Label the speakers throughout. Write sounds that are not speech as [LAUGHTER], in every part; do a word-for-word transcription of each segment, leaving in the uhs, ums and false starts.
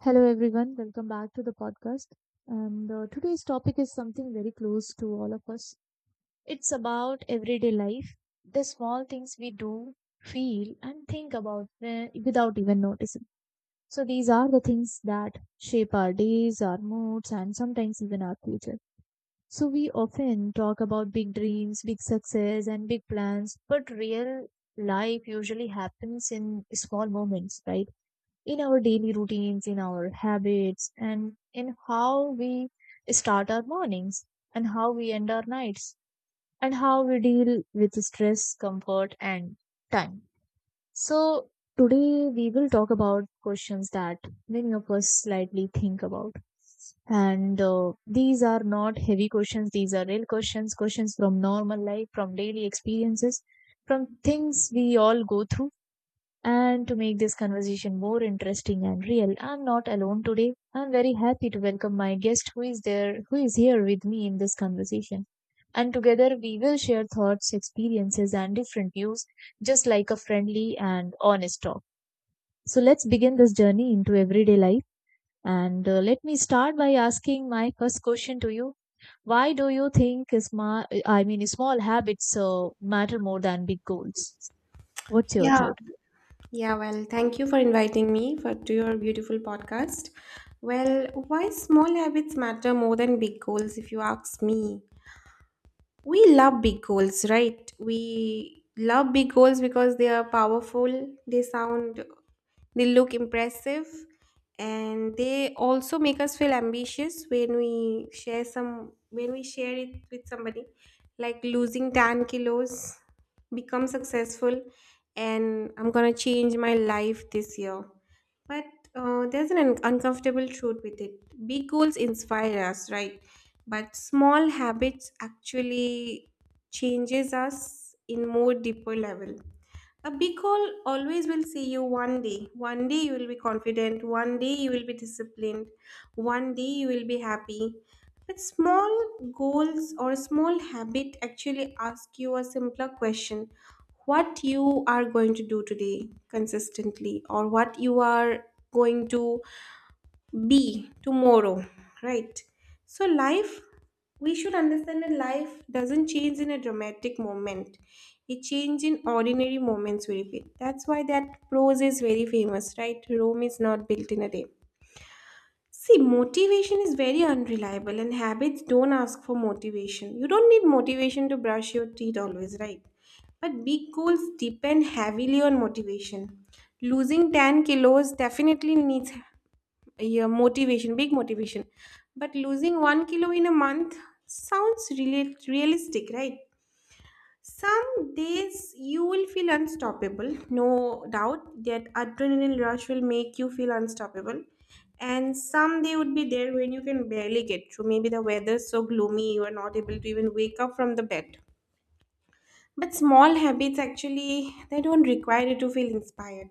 Speaker 1: Hello, everyone. Welcome back to the podcast. And uh, Today's topic is something very close to all of us. It's about everyday life, the small things we do, feel, and think about uh, without even noticing. So these are the things that shape our days, our moods, and sometimes even our future. So we often talk about big dreams, big success, and big plans, but real life usually happens in small moments, right? In our daily routines, in our habits, and in how we start our mornings, and how we end our nights, and how we deal with stress, comfort, and time. So today we will talk about questions that many of us slightly think about. And uh, These are not heavy questions, these are real questions, questions from normal life, from daily experiences, from things we all go through. And to make this conversation more interesting and real, I'm not alone today. I'm very happy to welcome my guest who is there, who is here with me in this conversation. And together we will share thoughts, experiences, and different views, just like a friendly and honest talk. So let's begin this journey into everyday life. And uh, Let me start by asking my first question to you. Why do you think small, I mean, small habits uh, matter more than big goals? What's your
Speaker 2: Yeah,
Speaker 1: thought?
Speaker 2: Yeah, well, thank you for inviting me for to your beautiful podcast. Well, why small habits matter more than big goals if you ask me? We love big goals, right? We love big goals because they are powerful, they sound, they look impressive, and they also make us feel ambitious when we share some when we share it with somebody, like losing 10 kilos, become successful, and I'm gonna change my life this year. But uh, there's an un- uncomfortable truth with it. Big goals inspire us, right? But small habits actually changes us in more deeper level. A big goal always will see you one day. One day you will be confident, one day you will be disciplined, one day you will be happy. But small goals or small habit actually ask you a simpler question: what you are going to do today consistently, or what you are going to B tomorrow, right? So life, we should understand that life doesn't change in a dramatic moment, it changes in ordinary moments we fit. That's why that prose is very famous, right? Rome is not built in a day. See, motivation is very unreliable, and habits don't ask for motivation. You don't need motivation to brush your teeth always, right? But big goals depend heavily on motivation. Losing 10 kilos definitely needs, yeah, motivation, big motivation. But losing one kilo in a month sounds really realistic, right? Some days you will feel unstoppable, no doubt. That adrenaline rush will make you feel unstoppable. And some day would be there when you can barely get through. Maybe the weather's so gloomy you are not able to even wake up from the bed. But small habits actually, they don't require you to feel inspired.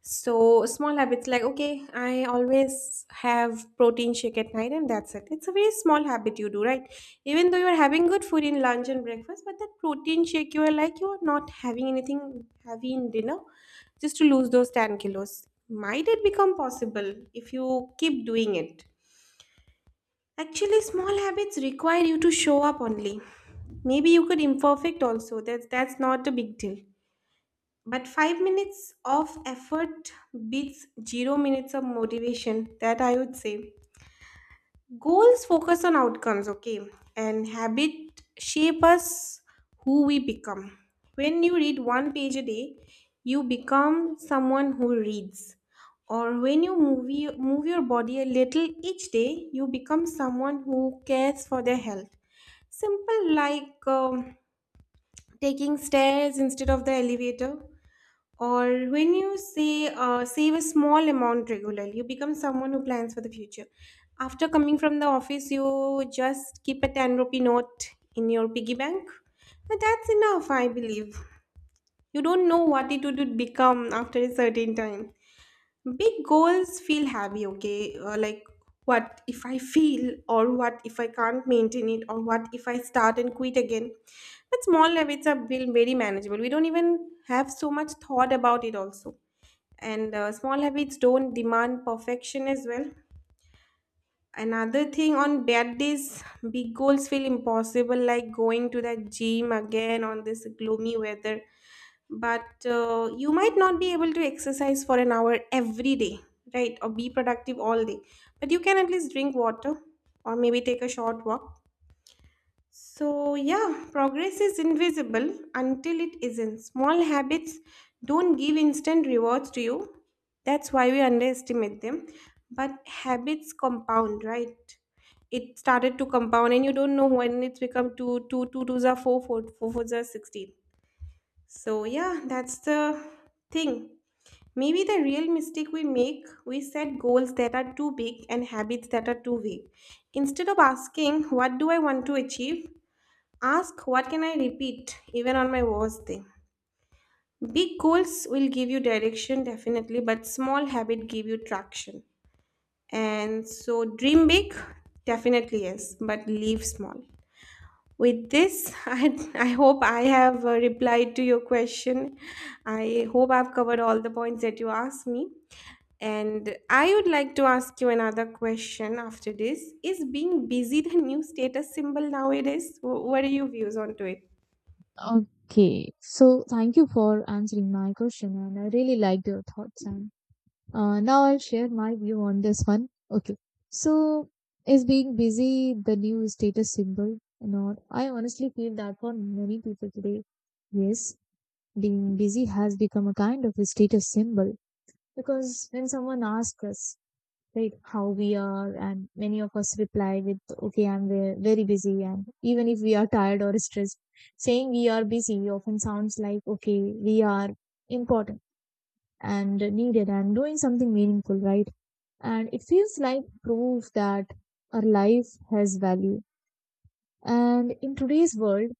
Speaker 2: So small habits like, okay, I always have protein shake at night and that's it. It's a very small habit you do, right? Even though you're having good food in lunch and breakfast, but that protein shake, you are like you are not having anything heavy in dinner just to lose those 10 kilos. Might it become possible if you keep doing it? Actually, small habits require you to show up only. Maybe you could imperfect also. That's that's not a big deal. But five minutes of effort beats zero minutes of motivation, that I would say. Goals focus on outcomes, okay? And habit shape us who we become. When you read one page a day, you become someone who reads. Or when you move, your- move your body a little each day, you become someone who cares for their health. Simple, like um, taking stairs instead of the elevator, or when you say, uh, save a small amount regularly, you become someone who plans for the future. After coming from the office, you just keep a 10 rupee note in your piggy bank. But that's enough, I believe. You don't know what it would become after a certain time. Big goals feel heavy, okay? Uh, like, what if I fail? Or what if I can't maintain it? Or what if I start and quit again? But small habits are built very manageable. We don't even have so much thought about it, also. And uh, small habits don't demand perfection as well. Another thing, on bad days big goals feel impossible, like going to the gym again on this gloomy weather. But uh, you might not be able to exercise for an hour every day, right, or be productive all day. But you can at least drink water, or maybe take a short walk. So, yeah, progress is invisible until it isn't. Small habits don't give instant rewards to you. That's why we underestimate them. But habits compound, right? It started to compound, and you don't know when it's become two, two, two twos are four, four, four fours are sixteen. So, yeah, that's the thing. Maybe the real mistake we make, we set goals that are too big and habits that are too vague. Instead of asking, what do I want to achieve? Ask, what can I repeat even on my worst day? Big goals will give you direction definitely, but small habit give you traction. And so dream big, definitely, yes, but leave small. With this, [LAUGHS] I, I hope I have uh, replied to your question. I hope I've covered all the points that you asked me. And I would like to ask you another question after this. Is being busy the new status symbol nowadays? Wh- What are your views onto it?
Speaker 1: Okay, so thank you for answering my question, and I really liked your thoughts. And uh, Now I'll share my view on this one. Okay, so is being busy the new status symbol or not? I honestly feel that for many people today, yes, being busy has become a kind of a status symbol, because when someone asks us, right, how we are, and many of us reply with, okay, I'm ve- very busy. And even if we are tired or stressed, saying we are busy often sounds like, okay, we are important and needed and doing something meaningful, right? And it feels like proof that our life has value. And in today's world,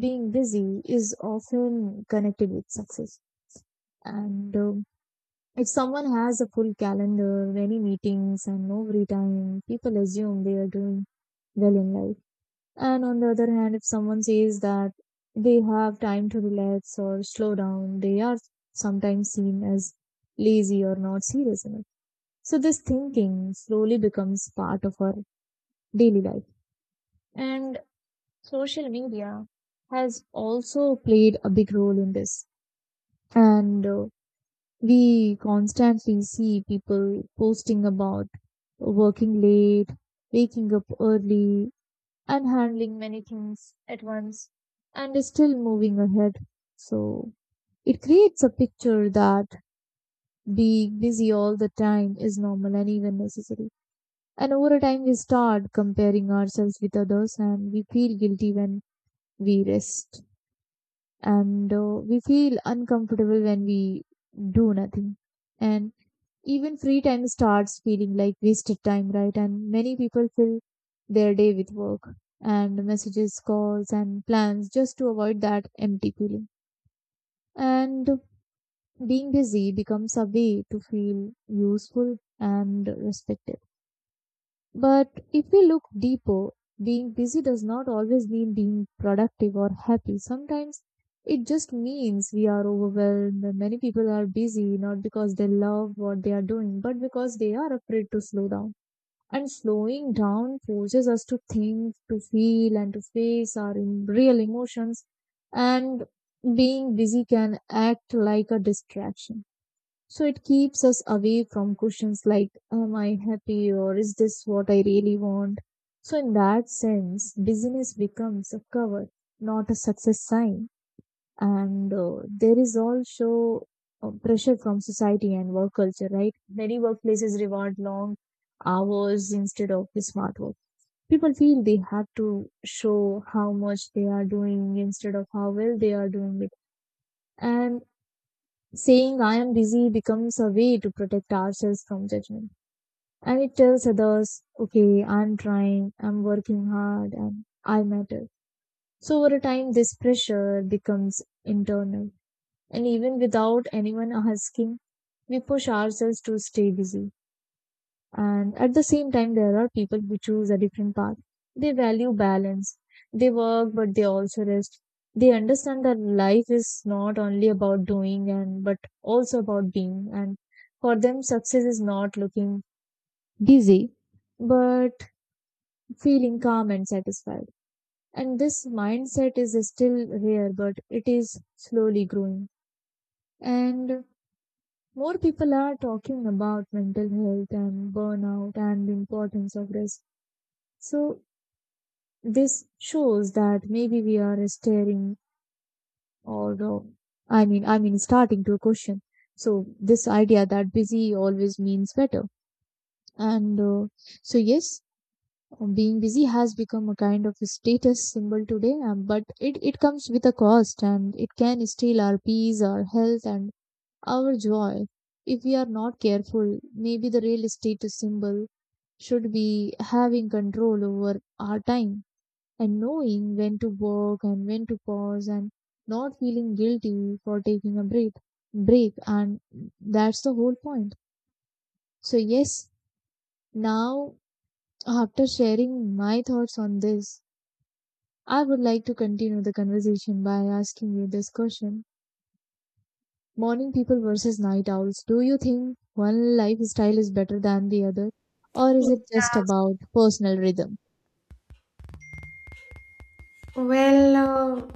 Speaker 1: being busy is often connected with success. And um, If someone has a full calendar, many meetings, and no free time, people assume they are doing well in life. And on the other hand, if someone says that they have time to relax or slow down, they are sometimes seen as lazy or not serious enough. So this thinking slowly becomes part of our daily life. And social media has also played a big role in this. And uh, We constantly see people posting about working late, waking up early, and handling many things at once, and is still moving ahead. So it creates a picture that being busy all the time is normal and even necessary. And over time, we start comparing ourselves with others, and we feel guilty when we rest. And uh, We feel uncomfortable when we do nothing, and even free time starts feeling like wasted time, right? And many people fill their day with work and messages, calls, and plans just to avoid that empty feeling. And being busy becomes a way to feel useful and respected. But if we look deeper, being busy does not always mean being productive or happy. Sometimes it just means we are overwhelmed. Many people are busy not because they love what they are doing, but because they are afraid to slow down. And slowing down forces us to think, to feel, and to face our em- real emotions. And being busy can act like a distraction. So it keeps us away from questions like, am I happy, or is this what I really want? So, in that sense, busyness becomes a cover, not a success sign. And uh, There is also uh, pressure from society and work culture, right? Many workplaces reward long hours instead of the smart work. People feel they have to show how much they are doing instead of how well they are doing it. And saying I am busy becomes a way to protect ourselves from judgment. And it tells others, okay, I'm trying, I'm working hard, and I matter. So over time, this pressure becomes internal. And even without anyone asking, we push ourselves to stay busy. And at the same time, there are people who choose a different path. They value balance. They work, but they also rest. They understand that life is not only about doing, and but also about being. And for them, success is not looking busy, but feeling calm and satisfied. And this mindset is still rare, but it is slowly growing. And more people are talking about mental health and burnout and the importance of rest. So this shows that maybe we are staring, or the, I mean, I mean, starting to question. So this idea that busy always means better. And uh, So yes, being busy has become a kind of a status symbol today, um, but it, it comes with a cost, and it can steal our peace, our health, and our joy. If we are not careful, maybe the real status symbol should be having control over our time, and knowing when to work and when to pause, and not feeling guilty for taking a break break And that's the whole point. So yes, now after sharing my thoughts on this, I would like to continue the conversation by asking you this question. Morning people versus night owls, do you think one lifestyle is better than the other, or is it just about personal rhythm?
Speaker 2: Well, uh,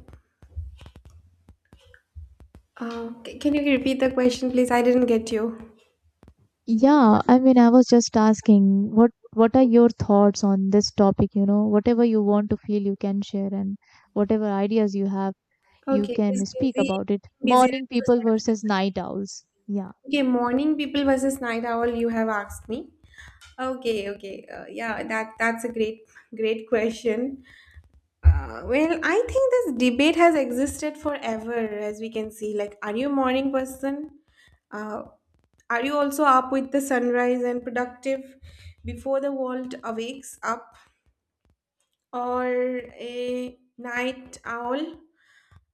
Speaker 2: uh, c- can you repeat the question, please? I didn't get you.
Speaker 1: Yeah, I mean, I was just asking, what what are your thoughts on this topic? You know, whatever you want to feel, you can share, and whatever ideas you have, you
Speaker 2: Okay,
Speaker 1: can
Speaker 2: is
Speaker 1: speak
Speaker 2: busy,
Speaker 1: about it.
Speaker 2: busy
Speaker 1: Morning
Speaker 2: and
Speaker 1: people
Speaker 2: useless.
Speaker 1: versus night owls. Yeah.
Speaker 2: Okay, morning people versus night owl. You have asked me. Okay, okay, uh, yeah, that that's a great, great question. Uh, well, I think this debate has existed forever, as we can see. Like, are you a morning person? Uh, are you also up with the sunrise and productive before the world awakes up? Or a night owl,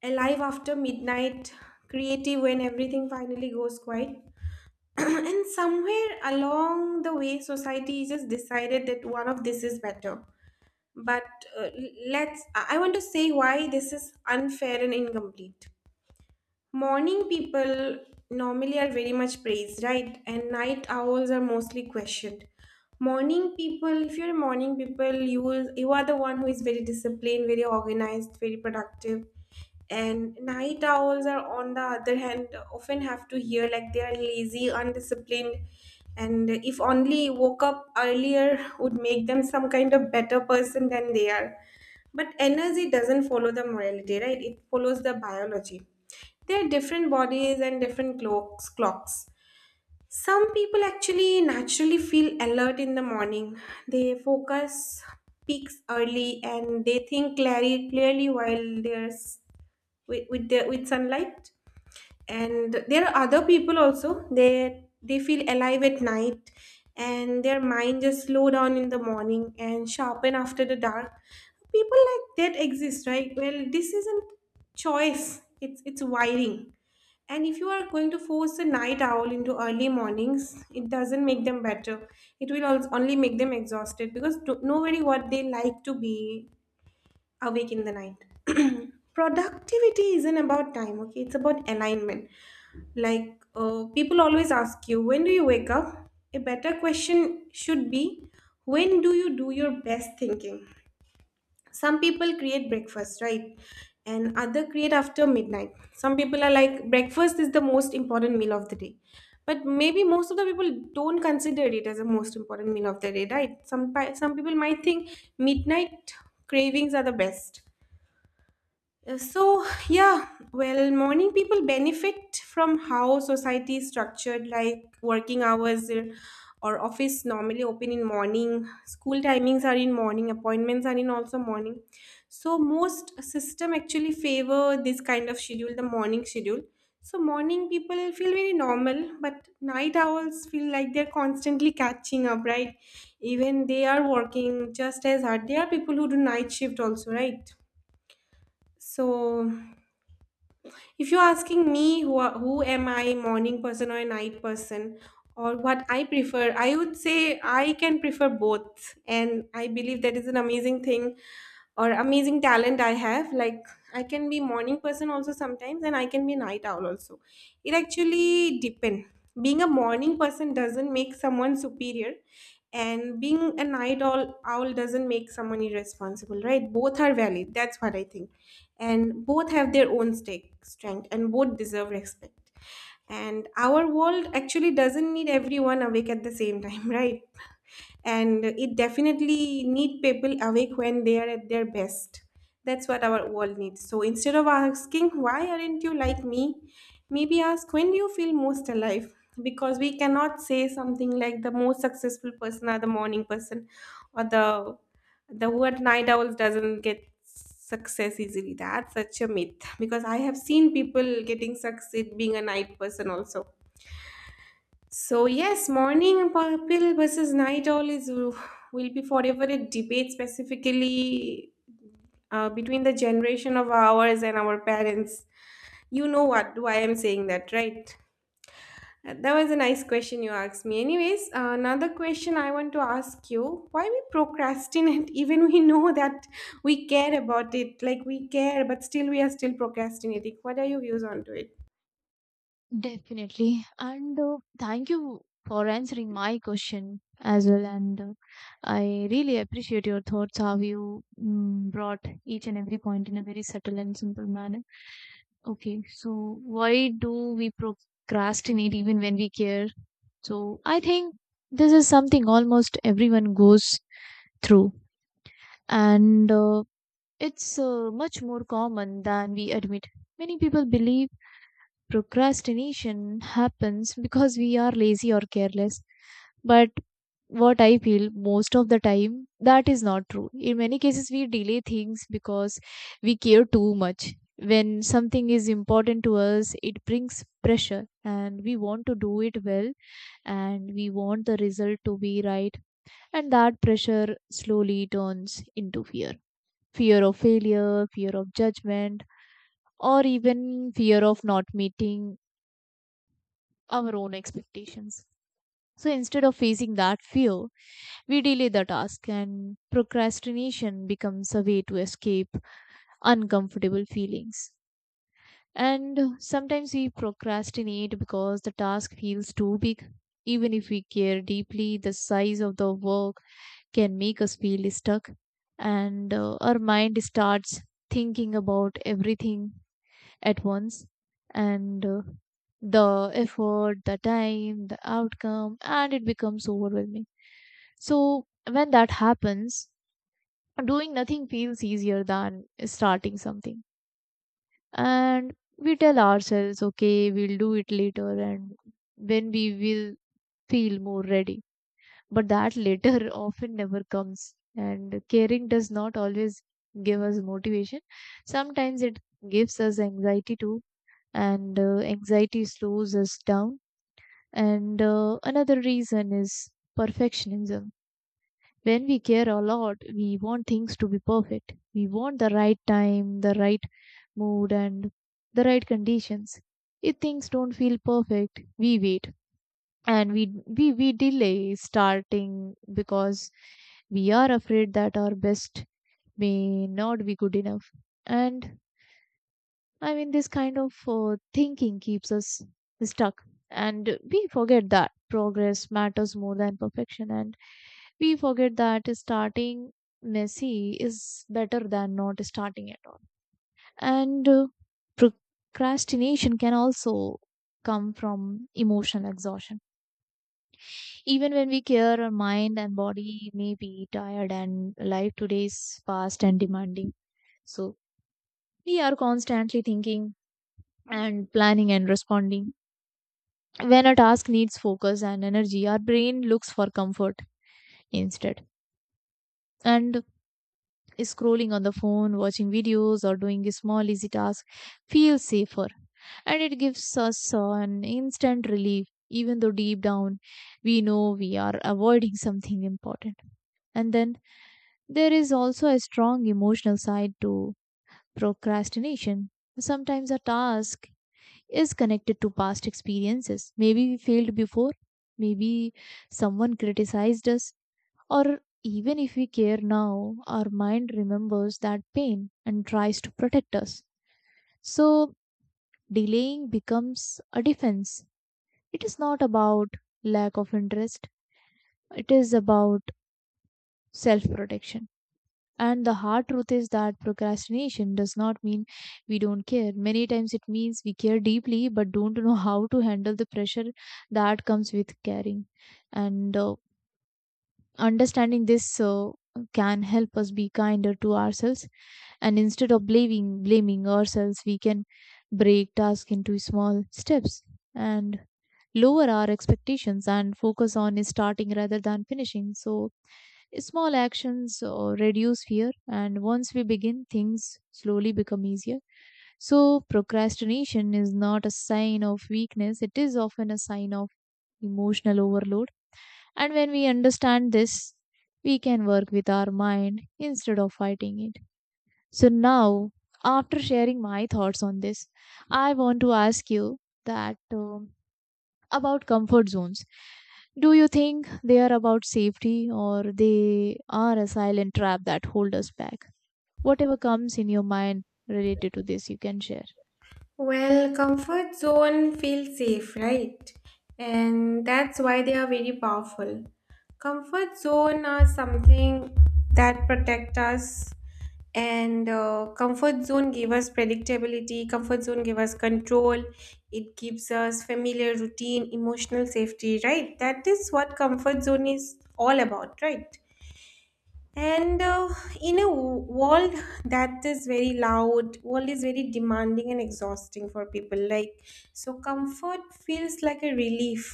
Speaker 2: alive after midnight, creative when everything finally goes quiet. [CLEARS THROAT] And somewhere along the way, society just decided that one of this is better. But uh, let's, I I want to say why this is unfair and incomplete. Morning people normally are very much praised, right? And night owls are mostly questioned. Morning people, if you're a morning people, you will you are the one who is very disciplined, very organized, very productive. And night owls are, on the other hand, often have to hear like they are lazy, undisciplined, and if only woke up earlier would make them some kind of better person than they are. But energy doesn't follow the morality, right? It follows the biology. There are different bodies and different clocks. Clocks. Some people actually naturally feel alert in the morning. They focus peaks early and they think clearly, clearly while there's with with, the, with sunlight. And there are other people also. They they feel alive at night, and their mind just slow down in the morning and sharpen after the dark. People like that exist, right? Well, this isn't choice. It's it's wiring. And if you are going to force a night owl into early mornings, it doesn't make them better. It will als- only make them exhausted, because do- nobody what they like to be awake in the night. [CLEARS THROAT] Productivity isn't about time, okay? It's about alignment. Like uh, people always ask you, when do you wake up? A better question should be, when do you do your best thinking? Some people create breakfast, right, and other create after midnight. Some people are like, breakfast is the most important meal of the day, but maybe most of the people don't consider it as a most important meal of the day, right? Some pi- some people might think midnight cravings are the best. Uh, So, yeah, well, morning people benefit from how society is structured, like working hours, uh, or office normally open in morning, school timings are in morning, appointments are in also morning. So, most system actually favor this kind of schedule, the morning schedule. So, morning people feel very normal, but night owls feel like they're constantly catching up, right? Even they are working just as hard. There are people who do night shift also, right? So if you're asking me who, are, who am I, morning person or a night person, or what I prefer, I would say I can prefer both. And I believe that is an amazing thing or amazing talent I have. Like, I can be morning person also sometimes, and I can be night owl also. It actually depend. Being a morning person doesn't make someone superior, and being a night owl owl doesn't make someone irresponsible, right? Both are valid. That's what I think, and both have their own stake, strength, and both deserve respect. And our world actually doesn't need everyone awake at the same time, [LAUGHS] right? And it definitely need people awake when they are at their best. That's what our world needs. So instead of asking, why aren't you like me, maybe ask, when do you feel most alive? Because we cannot say something like the most successful person or the morning person, or the the word night owl doesn't get success easily. That's such a myth, because I have seen people getting succeed being a night person also. So yes, morning people versus night owl is will be forever a debate, specifically uh, between the generation of ours and our parents. You know what why I'm saying that, right? Uh, that was a nice question you asked me. Anyways, another question I want to ask you: why we procrastinate [LAUGHS] even we know that we care about it, like we care, but still we are still procrastinating. What are your views on to it?
Speaker 1: Definitely. And uh, Thank you for answering my question as well. And uh, I really appreciate your thoughts, how you mm, brought each and every point in a very subtle and simple manner. Okay, so why do we procrastinate even when we care? So I think this is something almost everyone goes through, and uh, it's uh, much more common than we admit. Many people believe procrastination happens because we are lazy or careless. But what I feel most of the time, that is not true. In many cases, we delay things because we care too much. When something is important to us, it brings pressure, and we want to do it well, and we want the result to be right. And that pressure slowly turns into fear fear of failure, fear of judgment, or even fear of not meeting our own expectations. So instead of facing that fear, we delay the task, and procrastination becomes a way to escape uncomfortable feelings. And sometimes we procrastinate because the task feels too big. Even if we care deeply, the size of the work can make us feel stuck, and uh, our mind starts thinking about everything at once, and uh, the effort, the time, the outcome, and it becomes overwhelming. So when that happens, doing nothing feels easier than starting something. And we tell ourselves, okay, we'll do it later and when we will feel more ready. But that later [LAUGHS] often never comes. And caring does not always give us motivation. Sometimes it gives us anxiety too, and uh, anxiety slows us down. And uh, Another reason is perfectionism. When we care a lot, we want things to be perfect. We want the right time, the right mood, and the right conditions. If things don't feel perfect, we wait, and we we, we delay starting because we are afraid that our best may not be good enough. And I mean, this kind of uh, thinking keeps us stuck, and we forget that progress matters more than perfection, and we forget that starting messy is better than not starting at all. And uh, Procrastination can also come from emotional exhaustion. Even when we care, our mind and body may be tired, and life today is fast and demanding. So we are constantly thinking and planning and responding. When a task needs focus and energy, our brain looks for comfort instead. And scrolling on the phone, watching videos, or doing a small easy task feels safer. And it gives us uh, an instant relief, even though deep down we know we are avoiding something important. And then there is also a strong emotional side to procrastination. Sometimes a task is connected to past experiences. Maybe we failed before, maybe someone criticized us, or even if we care now, our mind remembers that pain and tries to protect us. So delaying becomes a defense. It is not about lack of interest, it is about self protection. And the hard truth is that procrastination does not mean we don't care. Many times it means we care deeply but don't know how to handle the pressure that comes with caring. And uh, Understanding this uh, can help us be kinder to ourselves. And instead of blaming blaming ourselves, we can break tasks into small steps and lower our expectations and focus on starting rather than finishing. So small actions uh, reduce fear, and once we begin, things slowly become easier. So, procrastination is not a sign of weakness, it is often a sign of emotional overload. And when we understand this, we can work with our mind instead of fighting it. So, now after sharing my thoughts on this, I want to ask you that. Um, about comfort zones. Do you think they are about safety or they are a silent trap that hold us back? Whatever comes in your mind related to this, you can share.
Speaker 2: Well, comfort zone feels safe, right? And that's why they are very powerful. Comfort zone are something that protect us, and uh, comfort zone give us predictability, comfort zone give us control. It gives us familiar routine, emotional safety, right? That is what comfort zone is all about, right? And uh, in a w- world that is very loud, world is very demanding and exhausting for people. Like so, comfort feels like a relief,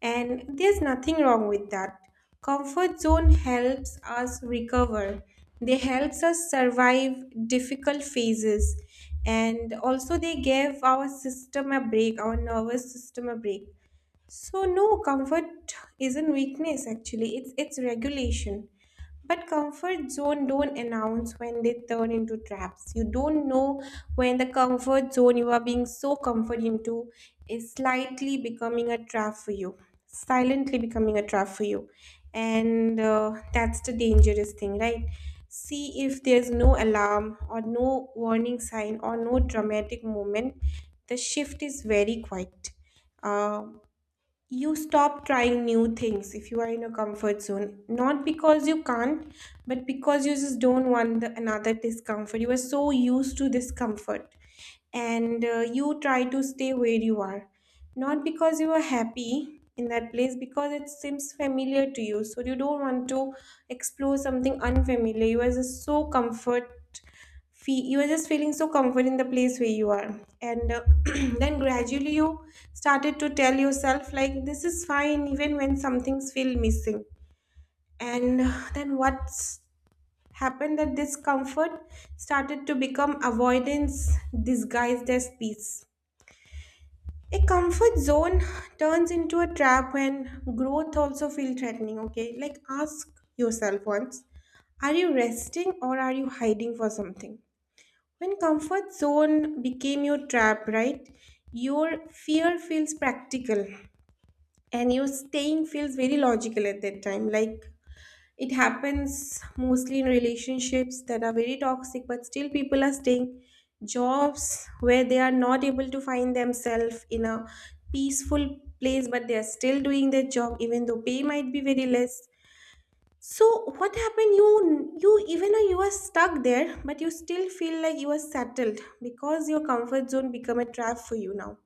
Speaker 2: and there's nothing wrong with that. Comfort zone helps us recover. They helps us survive difficult phases, and also they give our system a break, our nervous system a break. So no, comfort isn't weakness actually. It's it's regulation. But comfort zone don't announce when they turn into traps. You don't know when the comfort zone you are being so comfort into is slightly becoming a trap for you, silently becoming a trap for you, and uh, that's the dangerous thing, right? See, if there's no alarm or no warning sign or no dramatic moment, the shift is very quiet. Uh, you stop trying new things if you are in a comfort zone, not because you can't, but because you just don't want the, another discomfort, you are so used to discomfort, and uh, you try to stay where you are, not because you are happy in that place, because it seems familiar to you, so you don't want to explore something unfamiliar. You are just so comfort, fe- you are just feeling so comfort in the place where you are, and uh, [CLEARS THROAT] then gradually you started to tell yourself like this is fine even when some things feel missing, and uh, then what's happened, that this comfort started to become avoidance disguised as peace. A comfort zone turns into a trap when growth also feel threatening, okay? Like, ask yourself once, are you resting or are you hiding for something? When comfort zone became your trap, right? Your fear feels practical and your staying feels very logical at that time. Like, it happens mostly in relationships that are very toxic, but still people are staying. Jobs where they are not able to find themselves in a peaceful place, but they are still doing their job, even though pay might be very less. So, what happened? You you even though you are stuck there, but you still feel like you are settled because your comfort zone become a trap for you now.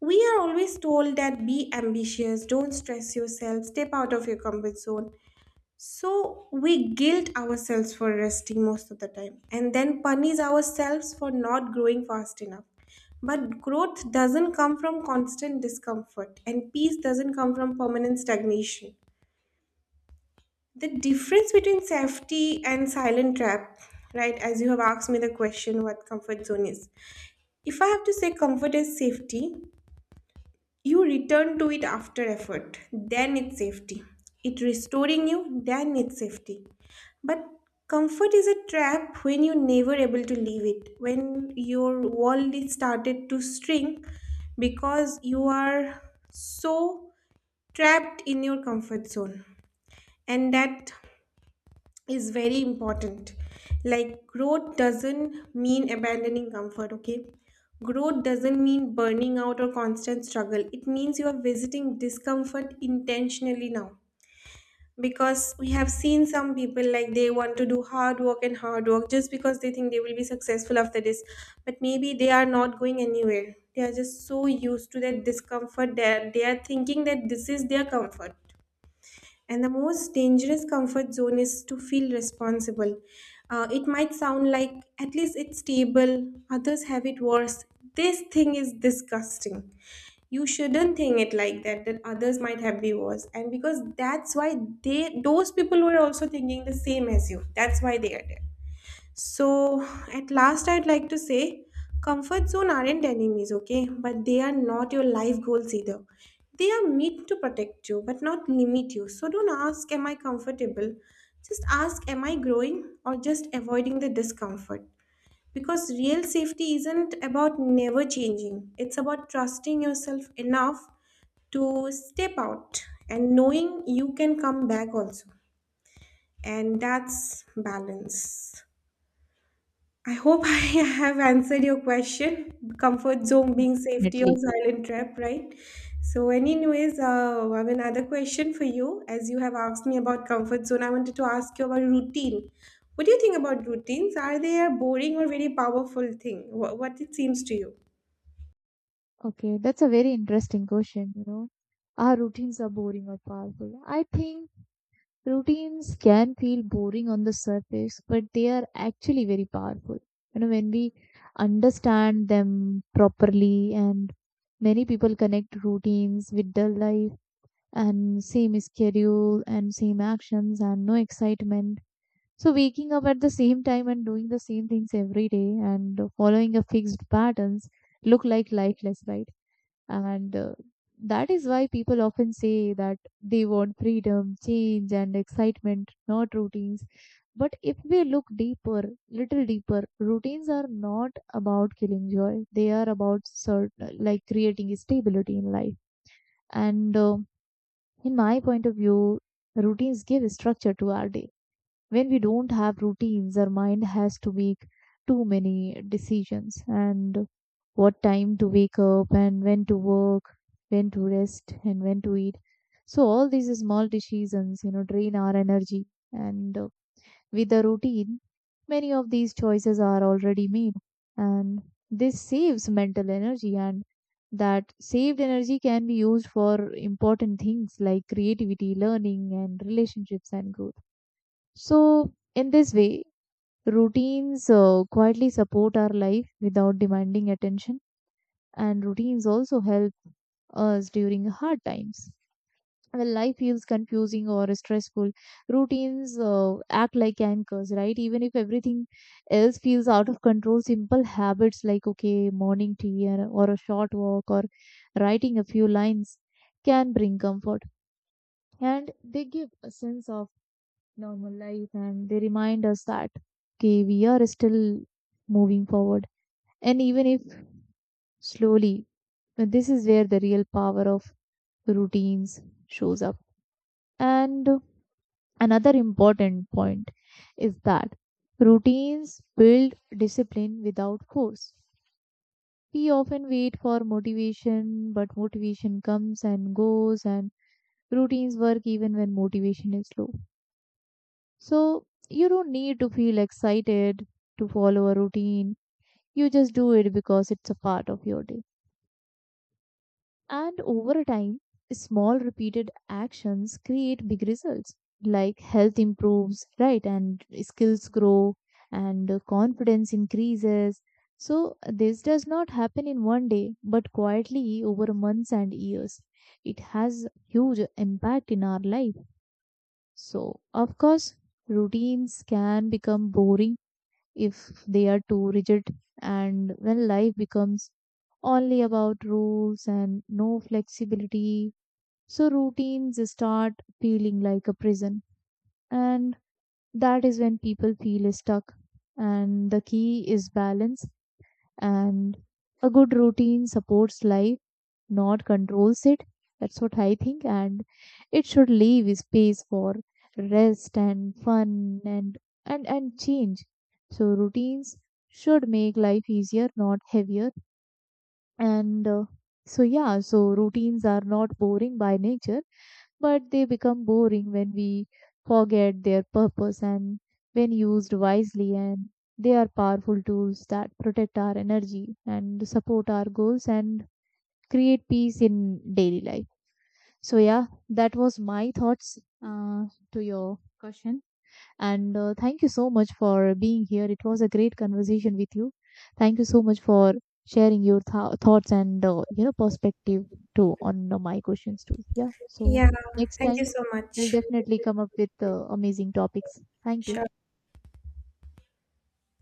Speaker 2: We are always told that be ambitious, don't stress yourself, step out of your comfort zone. So we guilt ourselves for resting most of the time and then punish ourselves for not growing fast enough. But growth doesn't come from constant discomfort and peace doesn't come from permanent stagnation. The difference between safety and silent trap, right, as you have asked me the question what comfort zone is, if I have to say, comfort is safety. You return to it after effort, then it's safety. It restoring you, then it's safety. But comfort is a trap when you're never able to leave it, when your world is started to shrink because you are so trapped in your comfort zone. And that is very important. Like, growth doesn't mean abandoning comfort, okay? Growth doesn't mean burning out or constant struggle. It means you are visiting discomfort intentionally now. Because we have seen some people like they want to do hard work and hard work just because they think they will be successful after this. But maybe they are not going anywhere. They are just so used to that discomfort that they are thinking that this is their comfort. And the most dangerous comfort zone is to feel responsible. Uh, it might sound like, at least it's stable, others have it worse. This thing is disgusting. You shouldn't think it like that, that others might have be worse. And because that's why they, those people were also thinking the same as you. That's why they are there. So, at last, I'd like to say, comfort zone aren't enemies, okay? But they are not your life goals either. They are meant to protect you, but not limit you. So, don't ask, am I comfortable? Just ask, am I growing or just avoiding the discomfort? Because real safety isn't about never changing, it's about trusting yourself enough to step out and knowing you can come back also. And that's balance. I hope [LAUGHS] I have answered your question. Comfort zone being safety or
Speaker 1: Definitely.
Speaker 2: silent trap, right? So, anyways, uh, I have another question for you. As you have asked me about comfort zone, I wanted to ask you about routine. What do you think about routines? Are they a boring or very powerful thing? What, what it seems to you?
Speaker 1: Okay, that's a very interesting question, you know. Are routines are boring or powerful? I think routines can feel boring on the surface, but they are actually very powerful. You know, when we understand them properly and many people connect routines with their life and same schedule and same actions and no excitement. So waking up at the same time and doing the same things every day and following a fixed patterns look like lifeless, right? And uh, That is why people often say that they want freedom, change, and excitement, not routines. But if we look deeper, little deeper, routines are not about killing joy. They are about sort like creating stability in life. And um In my point of view, routines give structure to our day. When we don't have routines, our mind has to make too many decisions and what time to wake up and when to work, when to rest and when to eat. So all these small decisions, you know, drain our energy and uh, with a routine, many of these choices are already made, and this saves mental energy. And that saved energy can be used for important things like creativity, learning, and relationships and growth. So, in this way, routines uh, quietly support our life without demanding attention, and routines also help us during hard times when life feels confusing or stressful routines uh, act like anchors, right? Even if everything else feels out of control, simple habits like okay morning tea or, or a short walk or writing a few lines can bring comfort and they give a sense of normal life and they remind us that okay we are still moving forward and even if slowly this is where the real power of routines shows up. And another important point is that routines build discipline without force. We often wait for motivation, but motivation comes and goes, and routines work even when motivation is low. So, you don't need to feel excited to follow a routine. You just do it because it's a part of your day. And over time, small repeated actions create big results like health improves, right? And skills grow and uh, confidence increases. So, this does not happen in one day, but quietly over months and years. It has huge impact in our life. So, of course, routines can become boring if they are too rigid. And when life becomes only about rules and no flexibility, so routines start feeling like a prison. And that is when people feel stuck. And the key is balance, and a good routine supports life, not controls it. That's what I think. And it should leave space for rest and fun and and and change. So routines should make life easier, not heavier. And uh, so yeah, so routines are not boring by nature, but they become boring when we forget their purpose and when used wisely and they are powerful tools that protect our energy and support our goals and create peace in daily life. So yeah, that was my thoughts uh, to your question. And uh, thank you so much for being here. It was a great conversation with you. Thank you so much for sharing your th- thoughts and uh, you know perspective too on uh, my questions too. Yeah. So
Speaker 2: Yeah,
Speaker 1: next
Speaker 2: thank you
Speaker 1: time
Speaker 2: so
Speaker 1: we'll
Speaker 2: much.
Speaker 1: definitely come up with uh, amazing topics. Thank you.
Speaker 2: Sure.